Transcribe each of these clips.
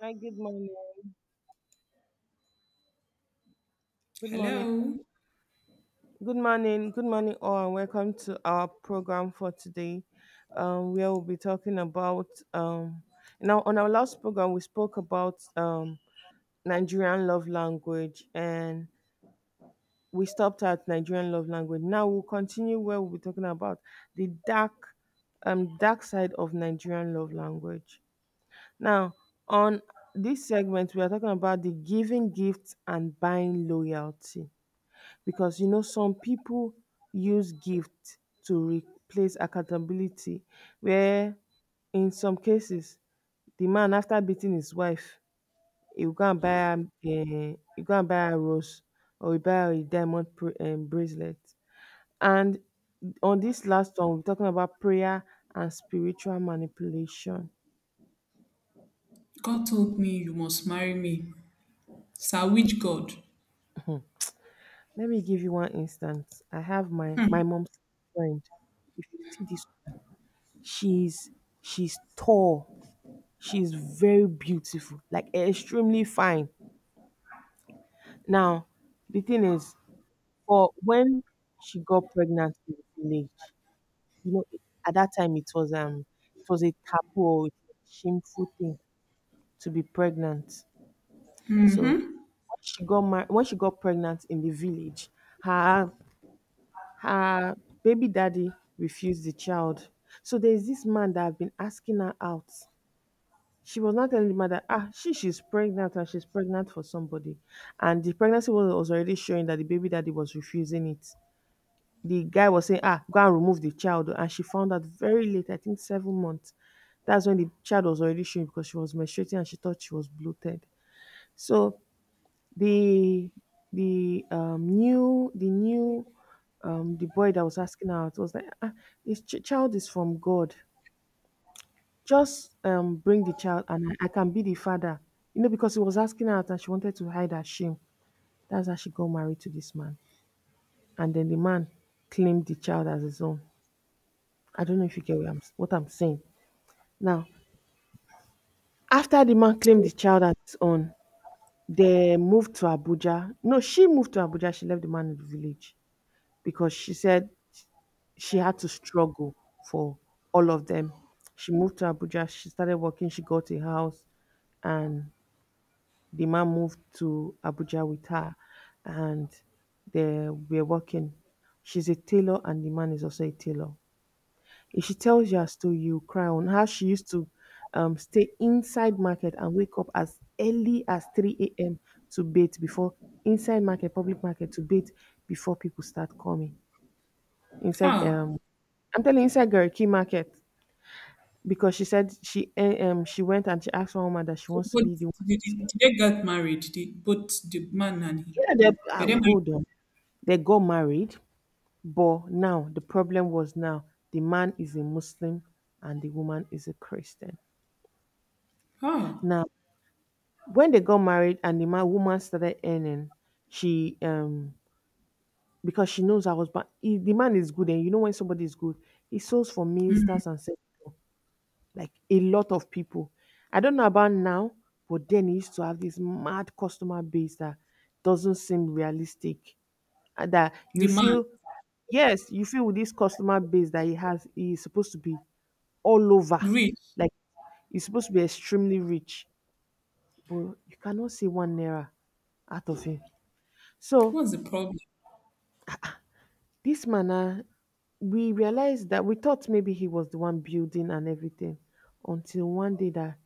Hi, good morning. Good morning. Hello. Good morning. Good morning, all, and welcome to our program for today, where we'll be talking about. Um, Now, on our last program, we spoke about Nigerian love language, and we stopped at Nigerian love language. Now we'll continue where we'll be talking about the dark, dark side of Nigerian love language. Now, on this segment, we are talking about the giving gifts and buying loyalty, because you know some people use gift to replace accountability where in some cases the man after beating his wife he will go and buy her he go and buy her rose or he buy her a diamond bracelet. And on this last one, we're talking about prayer and spiritual manipulation. God told me you must marry me. Sir, which God? Let me give you one instance. I have my mom's friend. If you see this, she's she's tall. She's very beautiful, like extremely fine. Now, the thing is, for when she got pregnant in the village, you know, at that time it was a taboo or a shameful thing to be pregnant. So Mm-hmm. when when she got pregnant in the village, her her baby daddy refused the child. So there's this man that have been asking her out. She was not telling the man that ah, she's pregnant and she's pregnant for somebody, and the pregnancy was, already showing that the baby daddy was refusing it. The guy was saying ah, go and remove the child, and she found out very late, I think 7 months. That's when the child was already showing, because she was menstruating and she thought she was bloated. So the the new the boy that was asking her out was like ah, child is from God. Just, bring the child and I can be the father. You know, because he was asking her out and she wanted to hide her shame. That's how she got married to this man. And then the man claimed the child as his own. I don't know if you get what I'm saying. Now, after the man claimed the child as his own, they moved to Abuja. No, she moved to Abuja. She left the man in the village because she said she had to struggle for all of them. She moved to Abuja. She started working. She got a house and the man moved to Abuja with her, and they were working. She's a tailor and the man is also a tailor. If she tells you her story, you cry on how she used to stay inside market and wake up as early as 3 a.m. to bait before, inside market, public market, to bait before people start coming. Inside Ah. I'm telling you, inside Gariki market, because she said she she went and she asked one woman that she So wants to be both the one. did they get married? Did both the man and he Yeah, they were ah, they married? hold on. They got married. But now the problem was, now the man is a Muslim and the woman is a Christian. Ah. Now, when they got married and the man woman started earning, she because she knows her husband, if the man is good, and you know when somebody is good, he sows for ministers and sector, like a lot of people. I don't know about now, but then he used to have this mad customer base that doesn't seem realistic, and that The you man, feel, yes, you feel with this customer base that he has, he is supposed to be all over. rich. Like he's supposed to be extremely rich, but you cannot see 1 naira out of him. So What's the problem? this man, ah, we realized that we thought maybe he was the one building and everything, until one day that,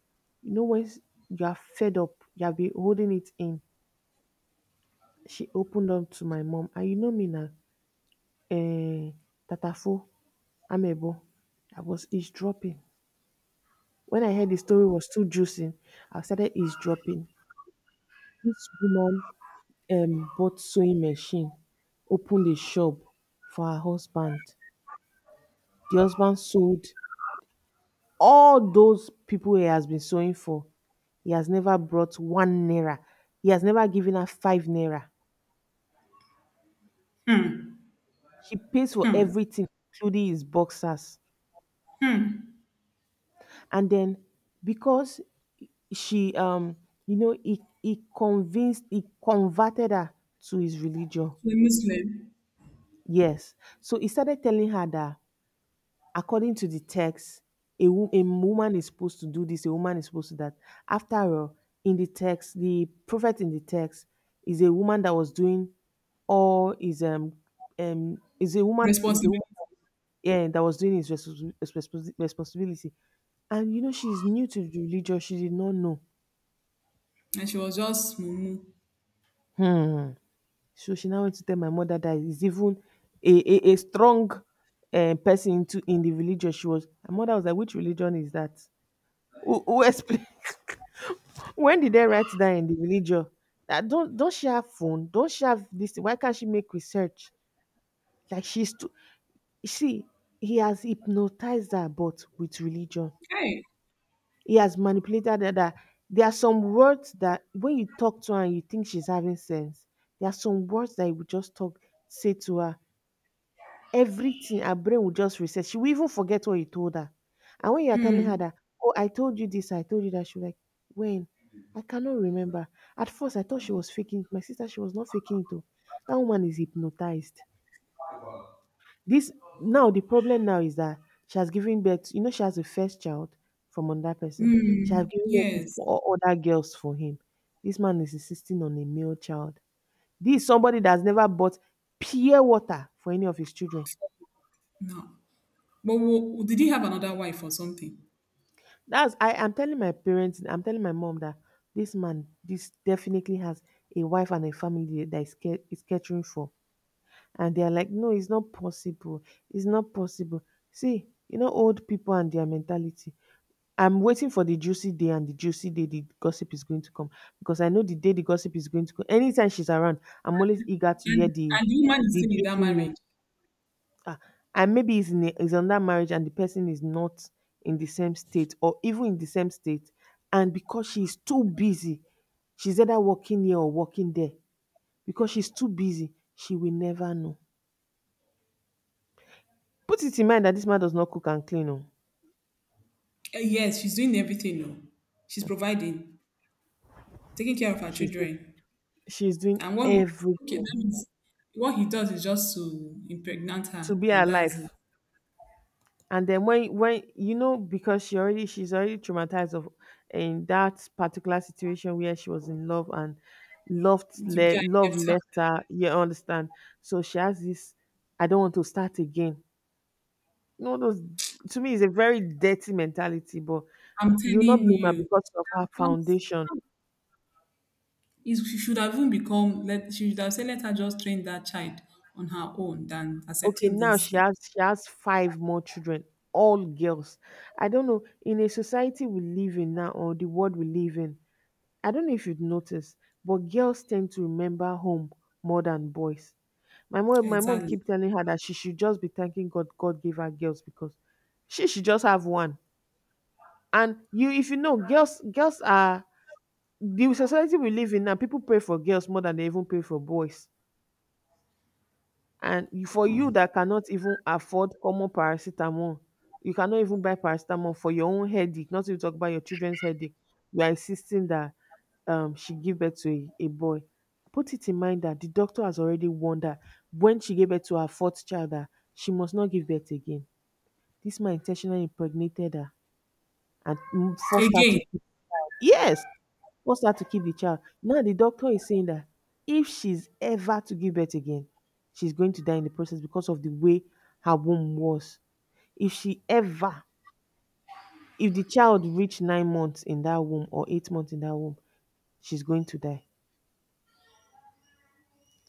you know, you are fed up, you have been holding it in. She opened up to my mom, and you know me now, eh, Tatafo, Amebo, I was eavesdropping. When I heard the story was too juicy, I started eavesdropping. This woman bought sewing machine, opened a shop for her husband. The husband sold all those people he has been sewing for. He has never brought 1 naira. He has never given her 5 naira. She pays for everything, including his boxers. And then because she you know he convinced, he converted her to his religion. She's a Muslim. Yes. So he started telling her that according to the text, a woman is supposed to do this, a woman is supposed to that. After all, in the text, the prophet in the text is a woman that was doing all, is a woman, Responsibility. Yeah, that was doing his responsibility, and you know she's new to the religion, she did not know. And she was just mumu. Hmm. So she now went to tell my mother that is even a strong person into in the religion. She was, my mother was like, which religion is that? Who explain when did they write that in the religion, that don't she have phone, don't she have this thing? Why can't she make research? Like, she's too, you see, he has hypnotized her, but with religion Hey. he has manipulated her, that there are some words that when you talk to her and you think she's having sense, there are some words that you would just talk, say to her, everything, her brain will just reset. She will even forget what you told her. And when you are telling her Mm. that, oh, I told you this, I told you that, she'll be like, when? I cannot remember. At first, I thought she was faking it. My sister, she was not faking it. Oh. That woman is hypnotized. This, now the problem now is that she has given birth. You know, she has a first child from another person. She has Mm. given birth to Yes. four other girls for him. This man is insisting on a male child. This is somebody that has never bought pure water for any of his children. No. But did he have another wife or something? That's, I am telling my parents, I'm telling my mom that this man, this definitely has a wife and a family that is catering for, and they are like, no, it's not possible, it's not possible. See, you know, old people and their mentality. I'm waiting for the juicy day, and the juicy day the gossip is going to come, because I know the day the gossip is going to come. Anytime she's around, I'm always eager to And hear the woman is the still in that juicy news. marriage. Ah, and maybe he's in a, he's under marriage and the person is not in the same state, or even in the same state, and because she's too busy, she's either working here or working there, because she's too busy she will never know. Put it in mind that this man does not cook and clean, oh. Eh, yes, she's doing everything. No, she's providing, taking care of her she's doing, children. she's doing And what he, okay, everything that means what he does is just to impregnate her, to be and that's alive. it. And then when, you know, because she's already traumatized of, in that particular situation where she was in love and The guy love left her. left her. You understand? So she has this. I don't want to start again. You know, those to me is a very dirty mentality, but I'm you not telling blame her you, because of her just, foundation. She should have even become. Let she should have said, let her just train that child on her own than Okay, accepting now this. She has five more children, all girls. I don't know, in a society we live in now, or the world we live in, I don't know if you'd notice, but girls tend to remember home more than boys. My mom Exactly. keep telling her that she should just be thanking God. God gave her girls, because she should just have one. And you, if you know, girls are, the society we live in now, people pray for girls more than they even pray for boys. And you, for you that cannot even afford common paracetamol, you cannot even buy paracetamol for your own headache, not to talk about your children's headache, you are insisting that she give birth to a boy. Put it in mind that the doctor has already warned her when she gave birth to her fourth child that she must not give birth again. This man intentionally impregnated her and forced her to Again, keep her. Yes, force her to keep the child. Now the doctor is saying that if she's ever to give birth again, she's going to die in the process because of the way her womb was. If she ever, if the child reached 9 months in that womb or 8 months in that womb, she's going to die.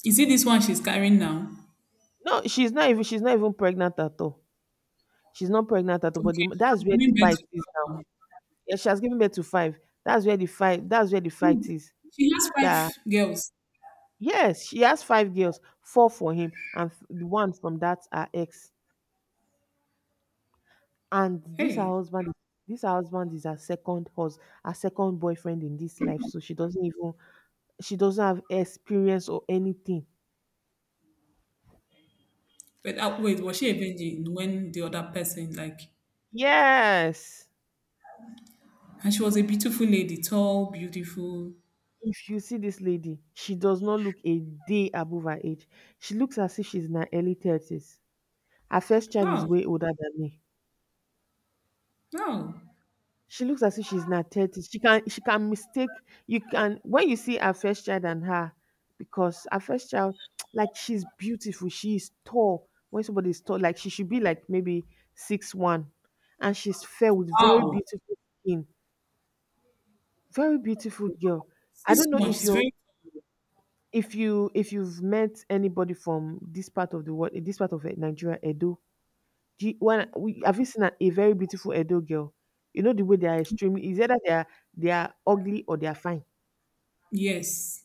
is it this one she's carrying now? No, she's not even pregnant at all. She's not pregnant at all. Okay, But the, she that's has where the given birth fight to is that now. one. Yeah, she has given birth to five. That's where the fight. That's where the Wait, fight is. she has That five girls. Yes, she has five girls, four for him, and the one from that her ex. And this her Hey, husband is this her husband is her second boyfriend in this life, so she doesn't even she doesn't have experience or anything. wait, was she a virgin when the other person like. Yes. And she was a beautiful lady, tall, beautiful. If you see this lady, she does not look a day above her age. She looks as if she's in her early 30s. Her first child is Oh, way older than me. oh, She looks as if she's not 30. She can mistake You can, when you see her first child and her, because her first child, like, she's beautiful, she is tall. When somebody is tall, like, she should be like maybe 6'1", and she's fair with very wow. beautiful skin, very beautiful girl. I Six don't know one, if she's you very, if you if you've met anybody from this part of the world, this part of Nigeria, Edo. Do you, when we, Have you seen a very beautiful Edo girl? You know the way they are, extremely. Is either they are ugly or they are fine. yes,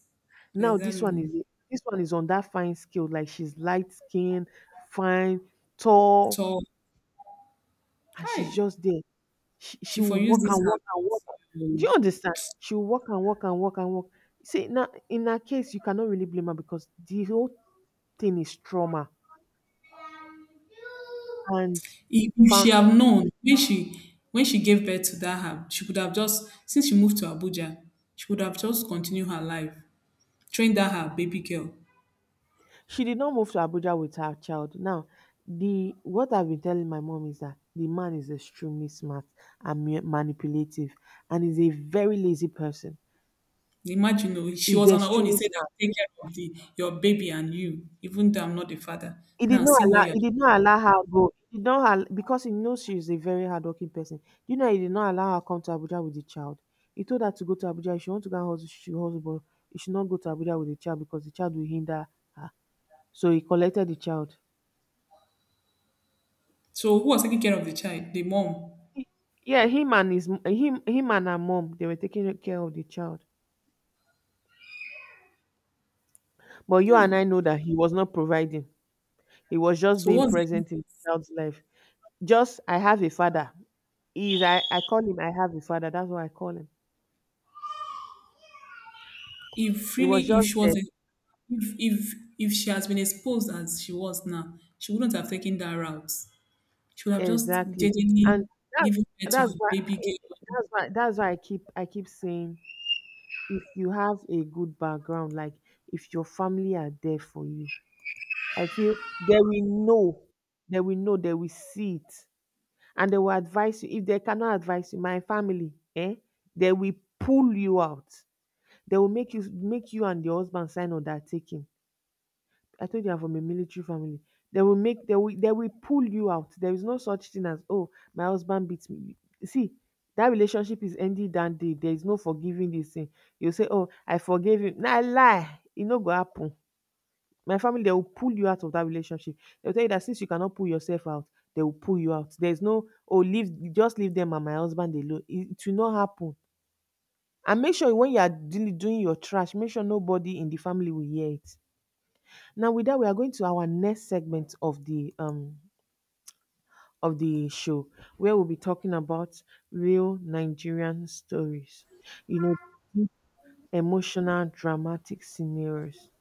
Now this one exactly. is This one is on that fine scale. Like, she's light skinned, fine, tall, Tall. and Hi. she's just there. She She will for use walk this and her walk and walk. Do beauty. you understand? She will walk and walk and walk and walk. See, now in her case, you cannot really blame her, because the whole thing is trauma and If she found have known when she gave birth to that herb, she could have just since she moved to Abuja, she could have just continued her life, trained that her baby girl. She did not move to Abuja with her child. Now, the what I've been telling my mom is that the man is extremely smart and manipulative, and is a very lazy person. Imagine, oh, she He's was on her own. He extremely said, smart. "I'll take care of the your baby and you, even though I'm not the father." Now see what you're. He did not allow her go. He did not because he knows she is a very hardworking person. You know, he did not allow her come to Abuja with the child. He told her to go to Abuja. If she want to go and hustle, she should hustle, but she should not go to Abuja with the child, because the child will hinder her. So he collected the child. So who was taking care of the child? The mom. Yeah, him and his m- him him and her mom, they were taking care of the child. But you Ah. and I know that he was not providing. He was just So being what's the, present in the child's life. Just, I have a father. I call him, I have a father. That's what I call him. if It really was if just she there. was a, if she has been exposed as she was now, she wouldn't have taken that route. She would have just Exactly. And jejely that given birth to her that's why baby I- girl. That's why I keep, saying, if you have a good background, like, if your family are there for you, I feel they will know, they will see it and they will advise you. If they cannot advise you, my family, they will pull you out. They will make you, and your husband sign undertaking. I told you I'm from a military family. They will make they will pull you out. There is no such thing as, oh, my husband beats me. See, that relationship is ended. That day, there is no forgiving this thing. You say, oh, I forgive him. Na lie. It no go happen. My family, they will pull you out of that relationship. They'll tell you that since you cannot pull yourself out, they will pull you out. There's no, oh, leave, just leave them and my husband alone. It will not happen. And make sure when you are doing your trash, make sure nobody in the family will hear it. Now, with that, we are going to our next segment of the show, where we'll be talking about real Nigerian stories. You know, deep, emotional, dramatic scenarios.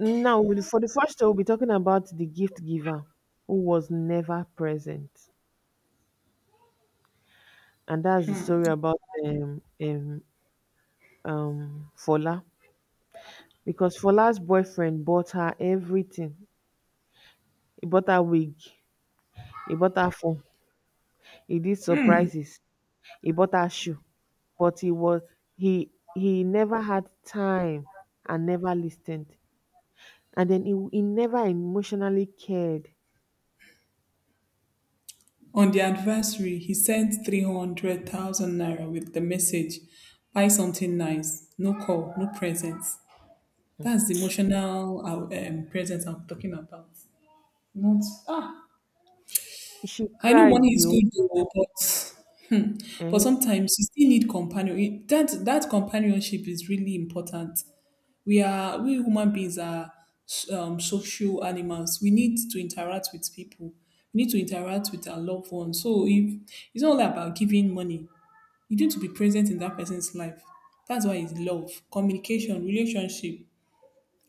Now, for the first time, we'll be talking about the gift giver who was never present, and that's the story about Fola, because Fola's boyfriend bought her everything. He bought her wig, he bought her phone, he did surprises, he bought her shoe, but he was he never had time and never listened, and then he never emotionally cared. On the anniversary, he sent 300,000 naira with the message, "Buy something nice. No call, no presents." That's the emotional presence I'm talking about. Not ah. She I know cried money the is whole. good, though, but eh, sometimes you still need companion. That that companionship is really important. We human beings are social animals. We need to interact with people. We need to interact with our loved ones. So if it's not all about giving money, you need to be present in that person's life. That's why it's love, communication, relationship.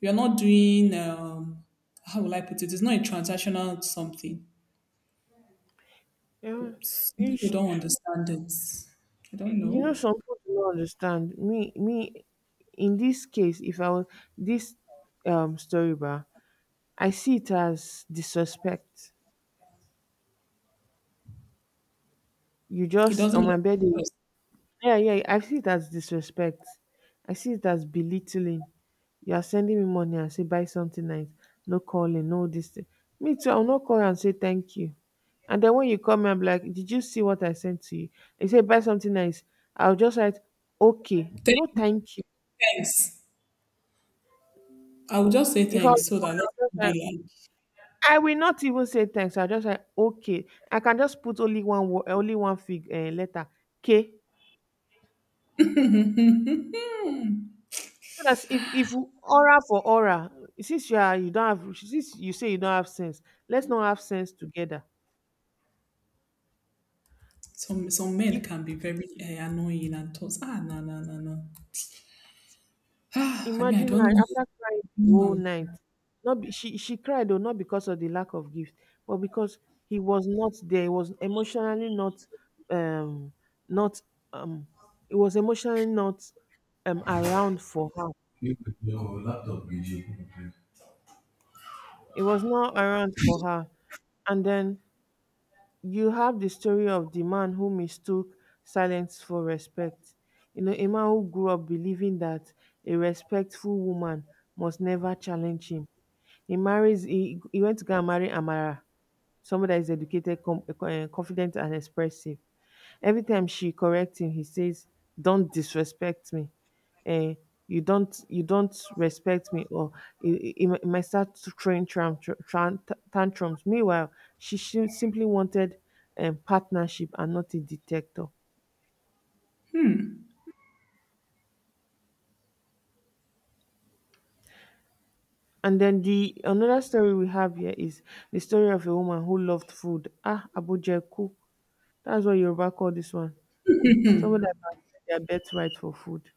You are not doing how will I put it? It's not a transactional something. Some eh, people don't understand it. I don't you know, know. some people do not understand me in this case. If I was this, story bar, I see it as disrespect. You It just doesn't on love my bed. the person. Yeah, yeah, I see it as disrespect. I see it as belittling. You are sending me money and say buy something nice, no calling, no this thing. Me too, I'll not call and say thank you. And then when you come, I'm like, did you see what I sent to you? They say buy something nice. I'll just write, okay, no Thank thank you. thanks. I will just say If I was thanks the so that one, let's I'll just like be I will not even say thanks. I just like, okay. I can just put only one word, only one fig letter, K. like. So that's, if aura for aura, since you say you don't have sense, let's not have sense together. Some men You can be very annoying and thoughts. Ah, no, no, no, no. Ah, I mean, I Imagine don't her know. after crying the whole No. night. Not be, she cried, though, not because of the lack of gift, but because he was not there. He was emotionally not um not um it was emotionally not around for her. You with your laptop video. It was not around for her. And then you have the story of the man who mistook silence for respect. You know, a man who grew up believing that a respectful woman must never challenge him. He went to go and marry Amara, somebody that is educated, confident, and expressive. Every time she corrects him, he says, "Don't disrespect me. Eh, You don't respect me." Or he might start to tram, tantrums. Meanwhile, she simply wanted partnership and not a detector. And then, the another story we have here is the story of a woman who loved food. Ah, Abujeku. That's what Yoruba call this one. Someone that can sell their birthright for food.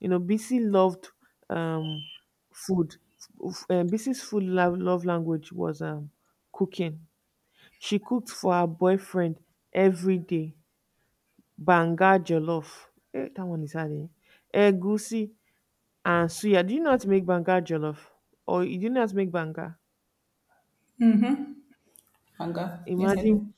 You know, Bisi loved um, food. BC's food love language was cooking. She cooked for her boyfriend every day. Banga jollof. Eh, that one is hard. Eh? Egusi and suya. Do you know how to make banga jollof? Or you do you know make banga? Anger. Yes, I Imagine. do.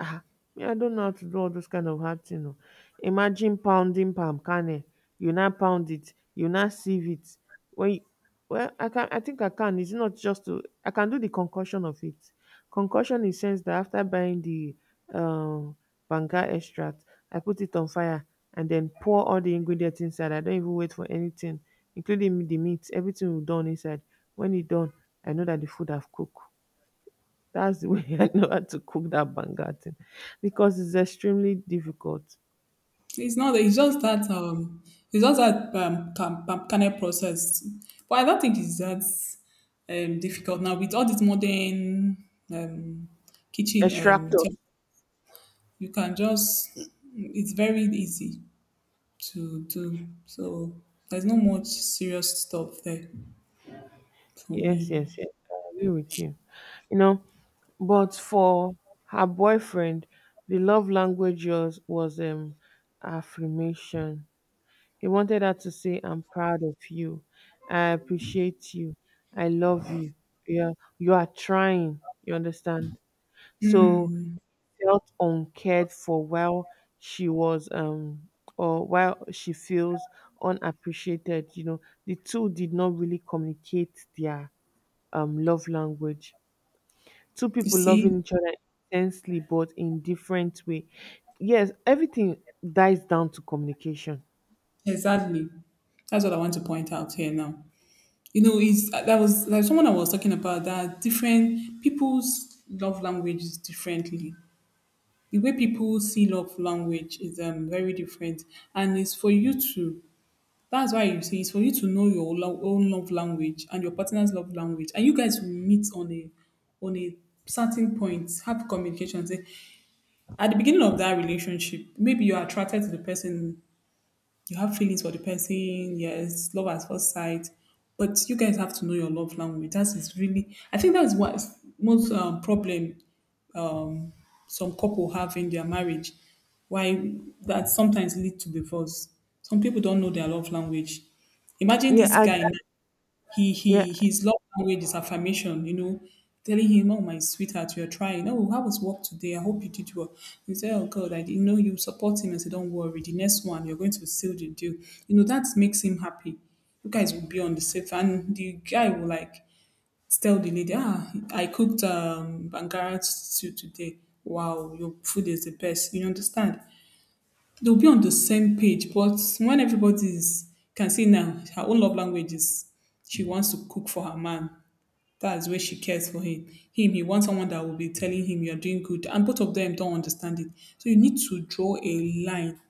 Ah, me, I don't know how to do all those kind of hard thing oh. Imagine pounding palm kernel, you now pound it, you now sieve it. When you, well, I think I can. It's not just to I can do the concoction of it. Concoction in sense that, after buying the um banga extract, I put it on fire and then pour all the ingredients inside. I don't even wait for anything, including the meat. Everything will done inside. When it done, I know that the food have cooked. That's the way I know how to cook that banga thing, because it's extremely difficult. It's not. It's just that. It's just that can I process, but I don't think it's that difficult now with all this modern um kitchen um Extractors. you can just, it's very easy to do so, there's no much serious stuff there for me. Yes, yes, yes, I agree with you. You know, but for her boyfriend, the love language was affirmation. He wanted her to say, I'm proud of you. I appreciate you. I love you. Yeah, you are trying. You understand? So, felt uncared for, while she was or while she feels unappreciated. You know, the two did not really communicate their love language. Two You people see, loving each other intensely, but in different way. Yes, everything dies down to communication. exactly, that's what I want to point out here now. You know, it's that was like someone I was talking about that different people's love language is differently. The way people see love language is very different, and it's for you to. That's why you see, it's for you to know your own love language and your partner's love language, and you guys will meet on a certain point, have communication. Say, at the beginning of that relationship, maybe you're attracted to the person, you have feelings for the person, yes, love at first sight, but you guys have to know your love language. That is really, I think that's what most problem, um, some couple have in their marriage, why that sometimes lead to divorce. Some people don't know their love language. Imagine yeah this and and- guy now, he yeah, he his love language is affirmation, you know, telling him, oh, my sweetheart, you're trying, oh, how was work today, I hope you did well. He said, oh God, I didn't know you support him, and say don't worry the next one you're going to seal the deal. You know that makes him happy. You guys will be on the safe, and the guy will like tell the lady, ah, I cooked Bangara stew today. Wow, your food is the best. You understand? They'll be on the same page, but when everybody is, can see now, her own love language is she wants to cook for her man. That's where she cares for him. Him, he wants someone that will be telling him you're doing good. And both of them don't understand it. So you need to draw a line.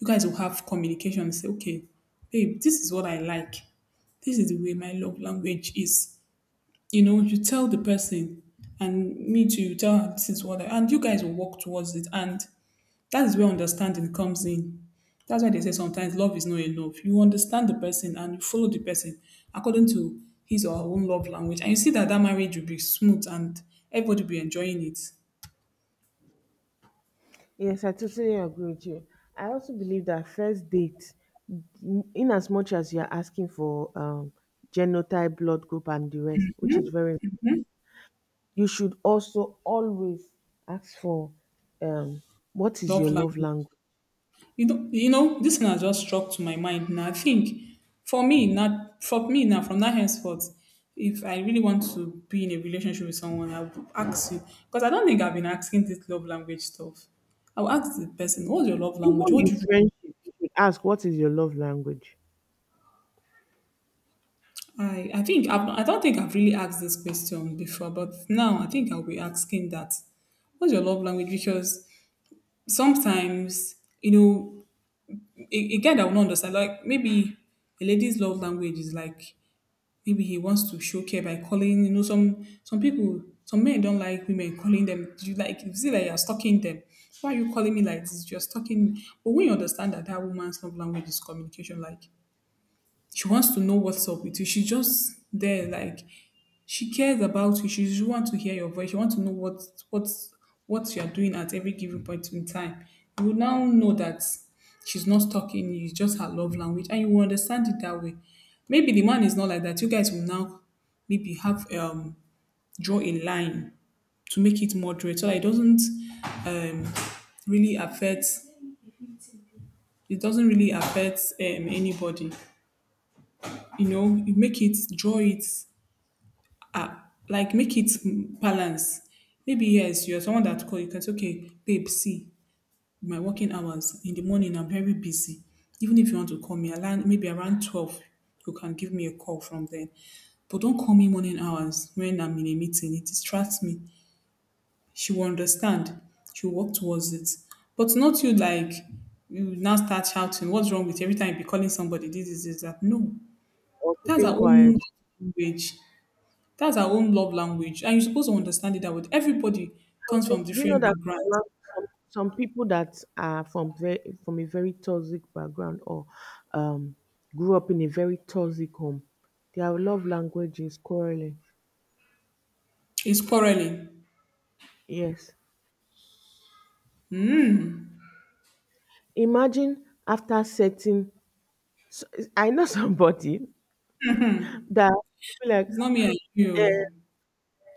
You guys will have communication and say, okay, babe, this is what I like, this is the way my love language is, you know, you tell the person, and me too you tell her this is what I, and you guys will work towards it, and that is where understanding comes in. That's why they say sometimes love is not enough. You understand the person and you follow the person according to his or her own love language, and you see that that marriage will be smooth and everybody will be enjoying it. yes, I totally agree with you. I also believe that first date, in as much as you're asking for genotype, blood group, and the rest, which is very, you should also always ask for um what is Love your love language. language. You know, this thing has just struck to my mind. Now I think for me, not for me now, from that henceforth, if I really want to be in a relationship with someone, I would ask you because I don't think I've been asking this love language stuff. I'll ask the person, what's your love language? Even What in do you. friendship, you should ask, what is your love language, I think I don't think I've really asked this question before, but now I think I'll be asking that. What's your love language? Because sometimes you know a guy that will not understand, like maybe a lady's love language is like. Maybe he wants to show care by calling, you know, some people, some men don't like women calling them. You like you see like you're stalking them. Why are you calling me like this? You're stalking me. But when you understand that that woman's love language is communication, like she wants to know what's up with you. She's just there, like she cares about you. She just wants to hear your voice. She wants to know what what's what you are doing at every given point in time. You will now know that she's not stalking you, it's just her love language, and you will understand it that way. Maybe the man is not like that. You guys will now maybe have draw a line to make it moderate so that it doesn't um really affect, it doesn't really affect anybody. You know, you make it draw it, ah, like make it, balance. Maybe yes, you're someone that call, you can say, okay, babe, see my working hours in the morning. I'm very busy. Even if you want to call me, around maybe around 12, you can give me a call from then. But don't call me morning hours when I'm in a meeting. It distracts me. She will understand. She will work towards it. But not you like you now start shouting. What's wrong with you every time you be calling somebody? This is this, that. No, or that's keeping our own quiet? language. That's our own love language. And you're supposed to understand it that with everybody And comes then, from do you know different that some, backgrounds. lang- some people that are from very, from a very toxic background, or um grew up in a very toxic home, their love language is quarreling. It's quarreling. Yes. Imagine, after setting, so- I know somebody that be like, It's not me and eh, you.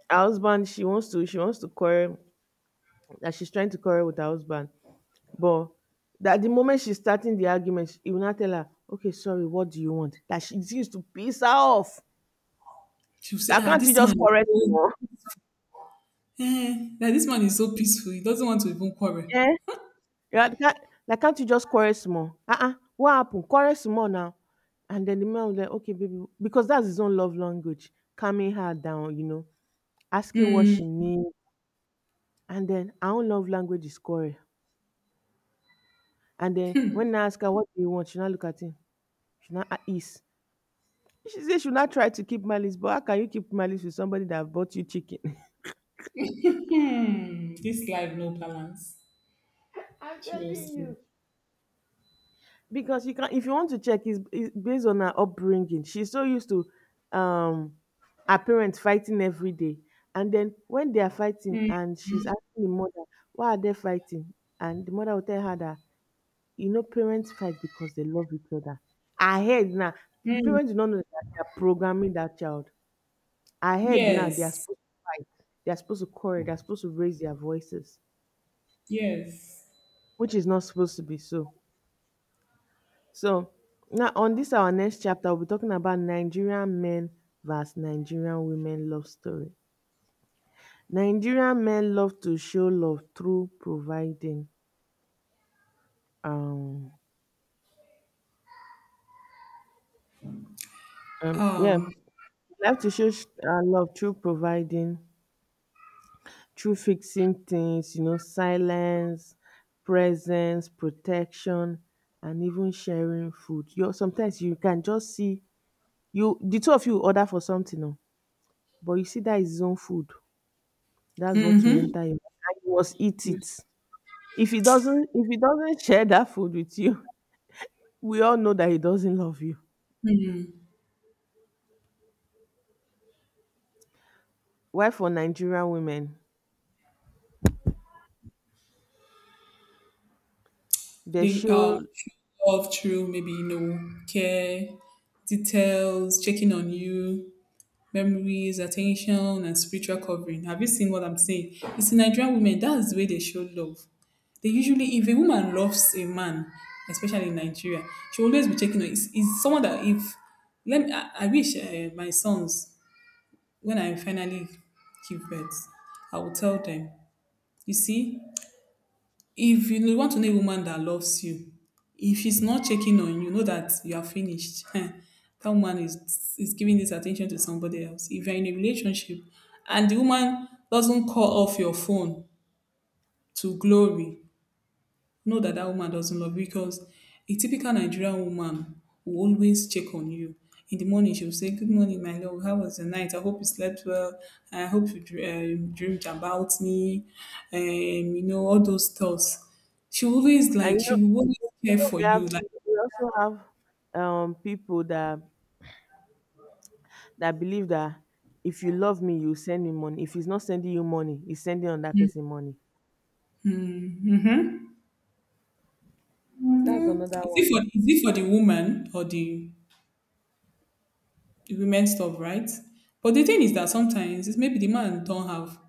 her husband, she wants to quarrel. That, she's trying to quarrel with her husband, but that the moment she's starting the argument, he will not tell her, okay, sorry, what do you want? That, she, it used to piss her off. She'll say, That, ah, can't you this just man is quarrel so, small? eh, that this man is so peaceful. He doesn't want to even quarrel. Yeah. Yeah, can't, like, can't you just quarrel small? Uh-uh, what happened? Quarrel small now. And then the man was like, okay, baby, because that's his own love language, calming her down, you know, asking what Hmm. she needs. And then, our own love language is quarrel. And then, when I ask her, what do you want? She now look at him. She now a- is. She said she will not try to keep malice, but how can you keep malice with somebody that bought you chicken? Hmm. This life no balance. I'm telling Seriously. you. Because you can if you want to check, it's based on her upbringing. She's so used to um her parents fighting every day. And then when they are fighting and she's asking the mother, why are they fighting? And the mother will tell her that you know parents fight because they love each other. Her head now. Hmm. Parents do not know that they are programming that child. I heard now they are Yes. supposed to fight. They are supposed to quarrel. They are supposed to raise their voices, Yes. which is not supposed to be so. So now on this our next chapter, we'll be talking about Nigerian men versus Nigerian women love story. Nigerian men love to show love through providing. Um, yeah, Um. love to show love through providing, through fixing things, you know, silence, presence, protection, and even sharing food. You sometimes you can just see you the two of you order for something, oh, but you see that is his own food. That's what will Mm-hmm. enter him. And he must eat it. If he doesn't share that food with you, we all know that he doesn't love you. Why for Nigerian women, they They show love through maybe you know care, details, checking on you, memories, attention, and spiritual covering. Have you seen what I'm saying? It's in Nigerian women, that's the way they show love. They usually, if a woman loves a man, especially in Nigeria, she will always be checking on. It's someone that if let me, I wish my sons when I finally give birth, I will tell them. You see, if you want to know a woman that loves you, if she's not checking on you, know that you are finished. That woman is giving this attention to somebody else. If you're in a relationship and the woman doesn't call off your phone to glory, know that that woman doesn't love you because a typical Nigerian woman will always check on you. In the morning, she will say, good morning, my love. How was the night? I hope you slept well. I hope you dreamed about me. You know, all those thoughts. She will always and like, she will always you care know for we you. have Like, we also have people that believe that if you love me, you send me money. If he's not sending you money, he's sending another person money. mm-hmm. That's Mm. another one. Is it for the woman or the women stuff, right? But the thing is that sometimes it's maybe the man don't have.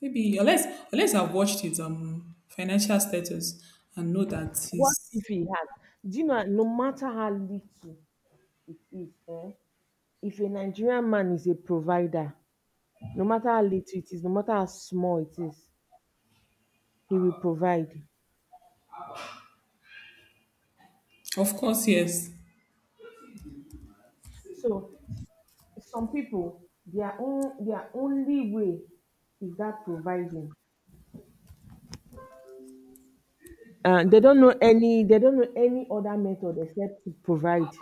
Maybe unless I've watched his financial status and know that What he's if he had? Do you know, no matter how little it is, eh, if a Nigerian man is a provider, no matter how little it is, no matter how small it is, he will provide. of course yes. So some people, their own, their only way is that providing. They don't know any other method except to provide.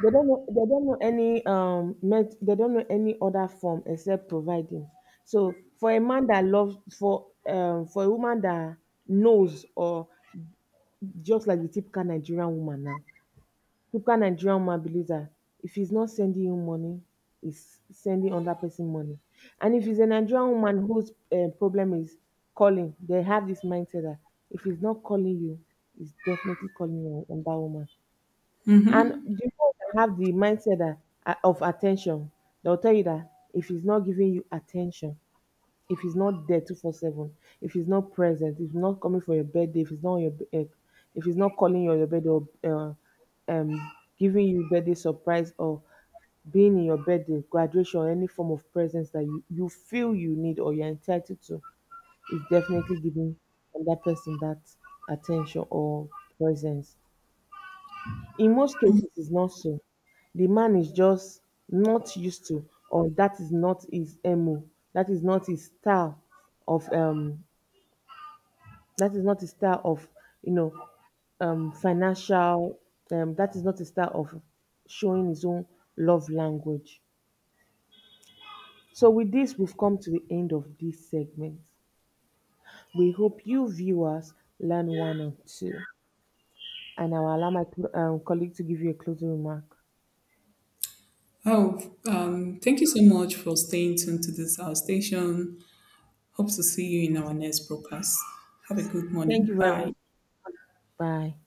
They don't know any met they don't know any other form except providing. So for a man that loves for a woman that knows or just like the typical Nigerian woman now, typical Nigerian woman believes that if he's not sending you money, he's sending other person money. And if he's a Nigerian woman whose problem is calling, they have this mindset that if he's not calling you, he's definitely calling on that woman. And the ones that have the mindset that of attention, they'll tell you that if he's not giving you attention, if he's not there 24/7, if he's not present, if he's not coming for your birthday, if he's not calling you on your birthday or um, giving you birthday surprise or being in your birthday, graduation, any form of presence that you feel you need or you're entitled to, is definitely giving that person that attention or presence. In most cases it's not so. The man is just not used to or that is not his MO. That is not his style of um that is not his style of, you know, financial that is not his style of showing his own love language. So with this we've come to the end of this segment. We hope you viewers learn one or two and I will allow my colleague to give you a closing remark. Oh, thank you so much for staying tuned to this our station. Hope to see you in our next broadcast. Have a good Thank morning. you very much. Bye. Bye.